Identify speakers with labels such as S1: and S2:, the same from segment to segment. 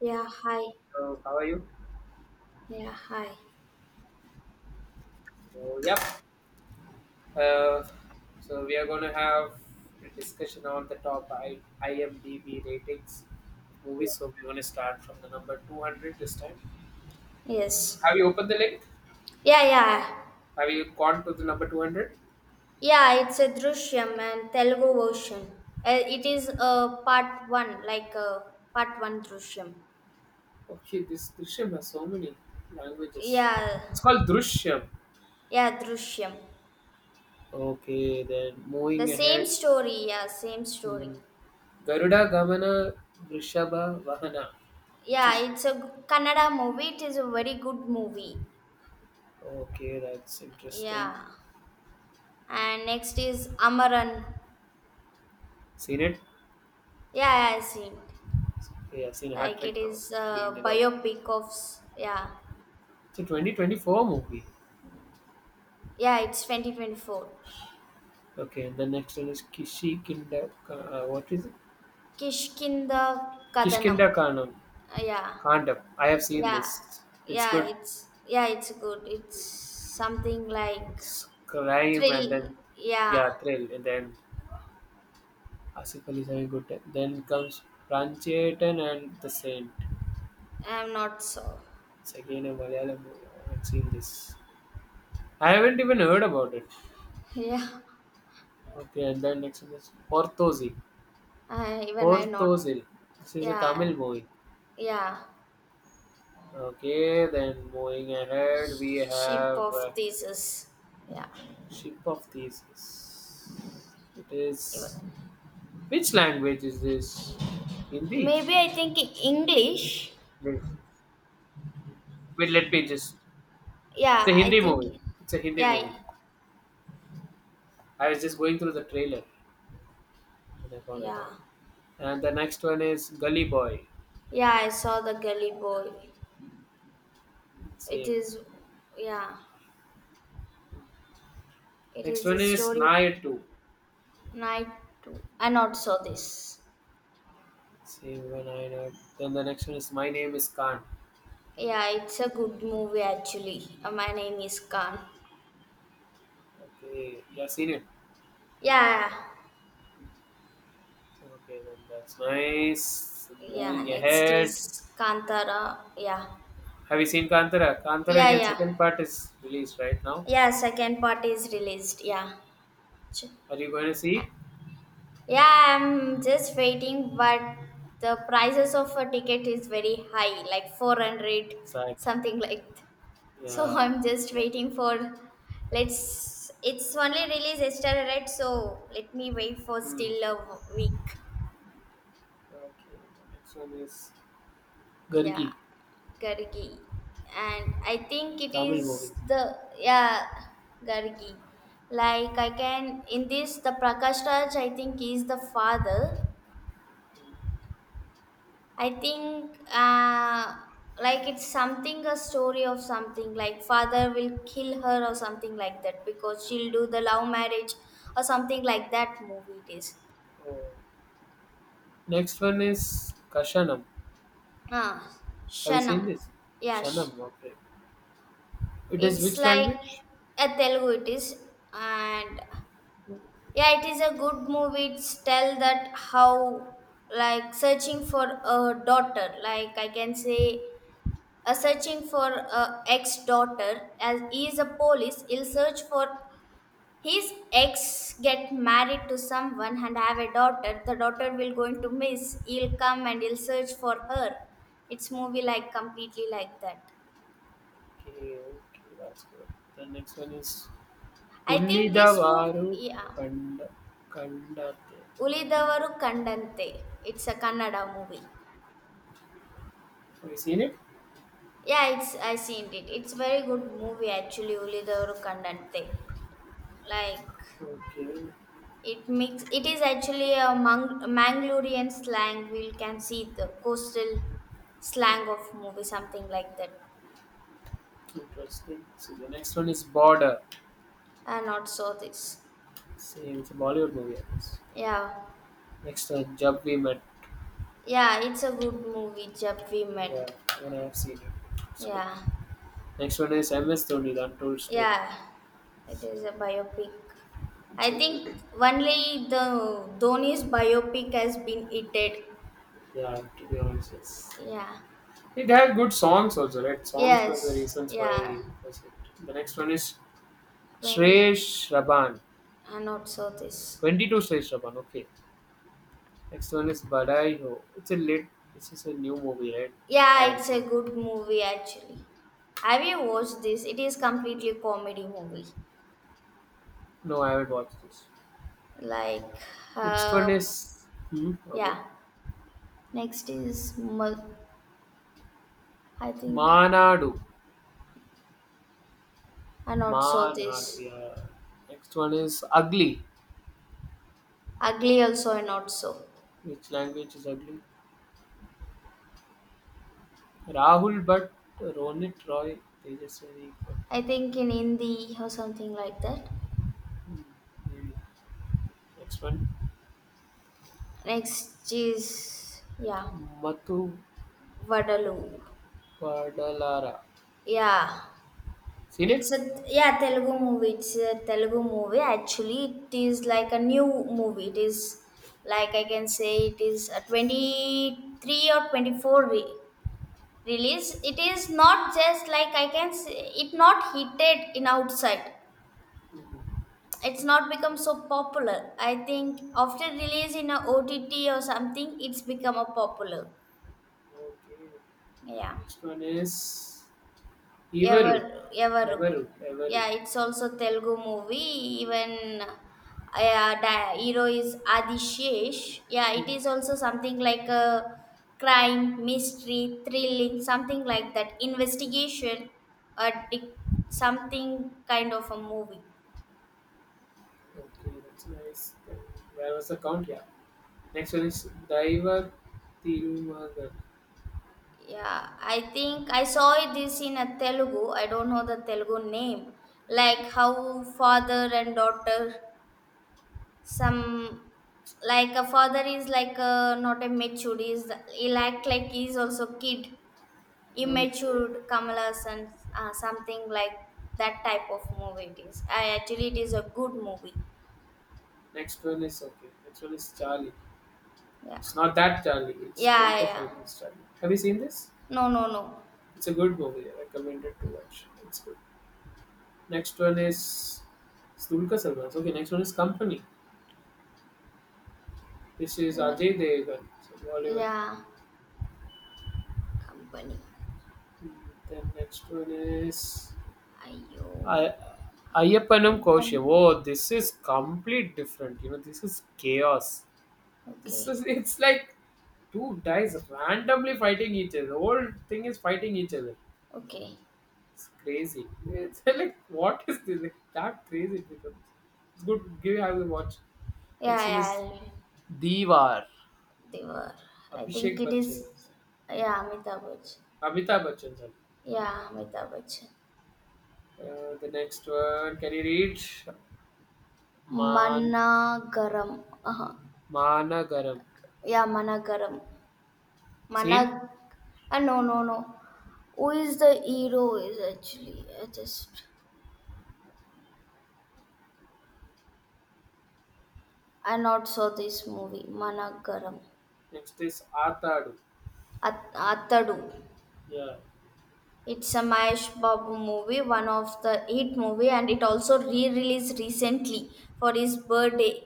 S1: Yeah, hi.
S2: So how are you?
S1: Yeah, hi.
S2: So yep. Uh, so we are gonna have a discussion on the top IMDb ratings of movies. So we're gonna start from the number 200 this time. So
S1: Yes.
S2: have you opened the link?
S1: Yeah, yeah.
S2: Have you gone to the number 200?
S1: Yeah, it's a Drishyam and Telugu version. It is part one, part one Drishyam.
S2: Okay, this Drishyam has so many languages.
S1: Yeah,
S2: It's called Drishyam.
S1: yeah, Drishyam.
S2: Okay, then
S1: The
S2: moving ahead,
S1: same story.
S2: hmm, Garuda Gamana Drishaba Vahana, which
S1: Yeah,
S2: is
S1: it's a Kannada movie. It is a very good movie.
S2: okay. That's interesting.
S1: Yeah. And next is Amaran.
S2: Seen it?
S1: Yeah, I seen. It.
S2: Okay, I've seen hat
S1: Like
S2: trick
S1: it
S2: now.
S1: is
S2: So three in
S1: a
S2: a row.
S1: biopic of, yeah.
S2: It's a 2024 movie.
S1: Yeah, it's 2024.
S2: Okay, and the next one is Kishikinda. What is it?
S1: Kishkinda Kadanam.
S2: Kishkinda Kandam.
S1: Yeah,
S2: Kandam. I have seen
S1: yeah,
S2: this. It's
S1: yeah.
S2: good.
S1: It's it's good. It's something like
S2: It's crime and
S1: thrill.
S2: then,
S1: Yeah,
S2: yeah, thrill. And then Asif Ali is having good time. Then comes Pranchetan and The Saint.
S1: I'm not so.
S2: It's again a Malayalam movie. I haven't seen this. I haven't even heard about it.
S1: Yeah,
S2: Okay, and then next one is Orthozil.
S1: I, even I not.
S2: Orthozil. This is a
S1: Yeah,
S2: Tamil movie.
S1: yeah.
S2: Okay, then moving ahead, we
S1: Ship
S2: have
S1: of thesis. Yeah,
S2: Ship of Thesis. It is
S1: even,
S2: which language is this? Hindi.
S1: maybe I think English.
S2: Wait, wait, let me just. It's a
S1: Yeah, I
S2: Hindi
S1: think.
S2: movie. It's a Hindi
S1: Yeah,
S2: movie. I was just going through the trailer and I found it
S1: yeah,
S2: out. And the next one is Gully Boy.
S1: yeah. I saw the Gully Boy. It
S2: Same.
S1: is. Yeah, it
S2: Next
S1: is a
S2: one is
S1: story
S2: Naya 2.
S1: Night 2. I not saw this.
S2: Same when I know. Then the next one is My Name is Khan.
S1: Yeah, it's a good movie actually. My name is Khan.
S2: Okay, yeah, seen it.
S1: Yeah,
S2: Okay, then that's nice.
S1: yeah.
S2: Moving
S1: Next
S2: ahead,
S1: is Kantara. Yeah,
S2: have you seen Kantara? Kantara
S1: yeah,
S2: again,
S1: yeah.
S2: second part is released right now.
S1: Yeah, second part is released. Yeah. Ch-
S2: Are you going to see?
S1: Yeah, I'm just waiting, but the prices of a ticket is very high, like 400,
S2: Exactly.
S1: something like so.
S2: Yeah.
S1: I'm just
S2: Exactly.
S1: waiting for let's it's only released yesterday, right? So let me wait for
S2: Hmm.
S1: still a week.
S2: Okay. The next one is
S1: Yeah.
S2: Gargi,
S1: Gargi. And I think it
S2: Tamil movie.
S1: is the yeah Gargi. Like I can in this the Prakash Raj I think is the father I think like it's something a story of something like father will kill her or something like that because she'll do the love marriage or something like that movie it is.
S2: Oh. Next one is Kashanam.
S1: Ah,
S2: Have you seen
S1: Shanam.
S2: this?
S1: Yeah,
S2: Shanam, okay. It is
S1: it's
S2: which
S1: like
S2: language?
S1: a Telugu it is and yeah it is a good movie. It's tell that how like searching for a daughter like I can say a searching for a ex-daughter as he is a police, he'll search for his ex, get married to someone and have a daughter. The daughter will going to miss. He'll come and he'll search for her. It's movie like completely like that.
S2: Okay, okay, that's good. The next one is
S1: I think this movie,
S2: Ullidavaru
S1: yeah,
S2: Kanda Kandate Kandande.
S1: Ulidavaru Kandante. It's a Kannada movie.
S2: Have you seen it?
S1: Yeah, it's I seen it. It's very good movie actually, Ulidavaru Kandante. Like,
S2: Okay,
S1: it makes, it is actually a Mangalorean slang. We can see the coastal slang of movie, something like that.
S2: interesting. So the next one is Border.
S1: And not saw this.
S2: Same, it's a Bollywood movie, I guess.
S1: Yeah,
S2: Next one, Jab We Met.
S1: yeah, it's a good movie. Jab we
S2: Yeah,
S1: met.
S2: even I have seen it. It's good.
S1: Yeah,
S2: Next one is MS Dhoni, The Untold Story.
S1: yeah, it is a biopic. I
S2: It's a good.
S1: think only the Dhoni's biopic has been edited.
S2: Yeah, to be honest, yes.
S1: Yeah.
S2: It had good songs also, right? Songs were the
S1: Yes.
S2: reasons why
S1: Yeah.
S2: it was hit. The next one is
S1: 20.
S2: Shreyesh Raban.
S1: I not saw this.
S2: 22 Shreyesh Raban, okay. Next one is Badai Ho. It's a lit, this is a new movie, right? I
S1: Yeah,
S2: haven't
S1: it's a
S2: seen
S1: good movie actually. Have you watched this? It is completely
S2: it.
S1: comedy movie.
S2: No, I haven't watched this.
S1: Like,
S2: Next one
S1: uh,
S2: is, hmm, okay.
S1: yeah. Next is I think
S2: Manadu.
S1: I not saw
S2: Manad,
S1: this.
S2: yeah. Next one is ugly.
S1: Ugly also I not saw.
S2: Which language is ugly? Rahul but Ronit Roy. They just very
S1: I think in Hindi or something like that.
S2: hmm, maybe. Next one.
S1: Next is yeah,
S2: Matu
S1: Vadaloo.
S2: Padalara.
S1: Yeah,
S2: Seen it?
S1: it's a yeah Telugu movie. It's a Telugu movie. Actually, it is like a new movie. It is like I can say it is a 23 or 24 release. It is not just like I can say it not hitted in outside. It's not become so popular. I think after release in a OTT or something, it's become a popular.
S2: Okay.
S1: Yeah.
S2: Next one is Everu.
S1: Ever,
S2: Everu. Everu.
S1: yeah. It's also Telugu movie. Even yeah, the hero is Adishesh. Yeah, it is also something like a crime mystery, thrilling something like that. Investigation or something kind of a movie.
S2: Okay, that's nice. Then where was the count? Yeah. Next one is Daiva Tirumagan.
S1: Yeah, I think I saw it this in a Telugu. I don't know the Telugu name. Like how father and daughter some, like a father is like a, not a matured, is he'll act like he's also kid,
S2: Okay.
S1: immature kamalas and something like that type of movie it is. I actually, it is a good movie.
S2: Next one is okay. Next one is Charlie.
S1: Yeah,
S2: It's not that Charlie. It's
S1: yeah,
S2: Dulquer
S1: yeah.
S2: Salmon's Charlie. Have you seen this?
S1: No, no, no.
S2: It's a good movie. I recommend it to watch. It's good. Next one is it's Dulquer Salman's. Okay, next one is Company. This is
S1: Even
S2: Ajay Devgan. So Bollywood.
S1: yeah, company
S2: Then next one is
S1: ayo
S2: I. Ayappanam
S1: Ipan.
S2: Kaushal. Oh, this is complete different. You know, this is chaos. This
S1: Okay.
S2: is it's like two guys randomly fighting each other. The whole thing is fighting each other.
S1: Okay,
S2: It's crazy. It's like what is this? Like that crazy it becomes. It's good. Give have a watch. Next
S1: yeah,
S2: one
S1: yeah,
S2: is
S1: I'll,
S2: Diwar.
S1: they were, I think
S2: Abhishek
S1: it is
S2: Bachchan.
S1: yeah Amitabh Bachchan.
S2: Amitabh Bachchan. Sorry.
S1: Yeah, Amitabh Bachchan.
S2: The next one. Can you read? Man
S1: Managaram. Uh-huh.
S2: Managaram.
S1: Yeah, Managaram. Manag.
S2: Seen?
S1: No, no, no. Who is the hero? Is actually I just I not saw this movie
S2: Okay.
S1: Managaram.
S2: Next is Atadu.
S1: Atadu.
S2: Yeah.
S1: It's a Mahesh Babu movie, one of the hit movie, and it also re-released recently for his birthday.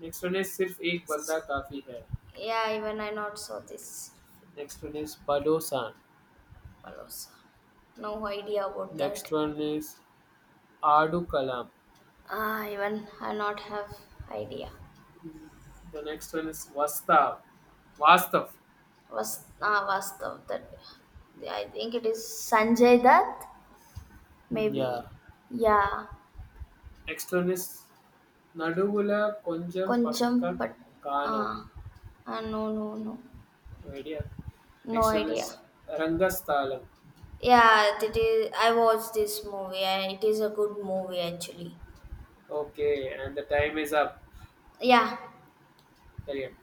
S2: Next one is सिर्फ एक बंदा काफी है।
S1: Yeah, even I not saw this.
S2: Next one is Padosan.
S1: Palosa. No idea about that.
S2: Next one is Aadukalam.
S1: Ah, even I not have idea.
S2: The next one is Vastav. Vastav.
S1: Was ah Vastav that I think it is Sanjay Dutt maybe.
S2: Yeah.
S1: Yeah,
S2: Next one is Naduvula Konjam
S1: Koncham,
S2: Pakka
S1: but
S2: Kano.
S1: ah, no, no, no,
S2: No idea.
S1: no
S2: Next one
S1: idea.
S2: is Rangasthalam.
S1: Yeah, it is. I watched this movie. And it is a good movie actually.
S2: Okay, and the time is up.
S1: Yeah,
S2: Carry on.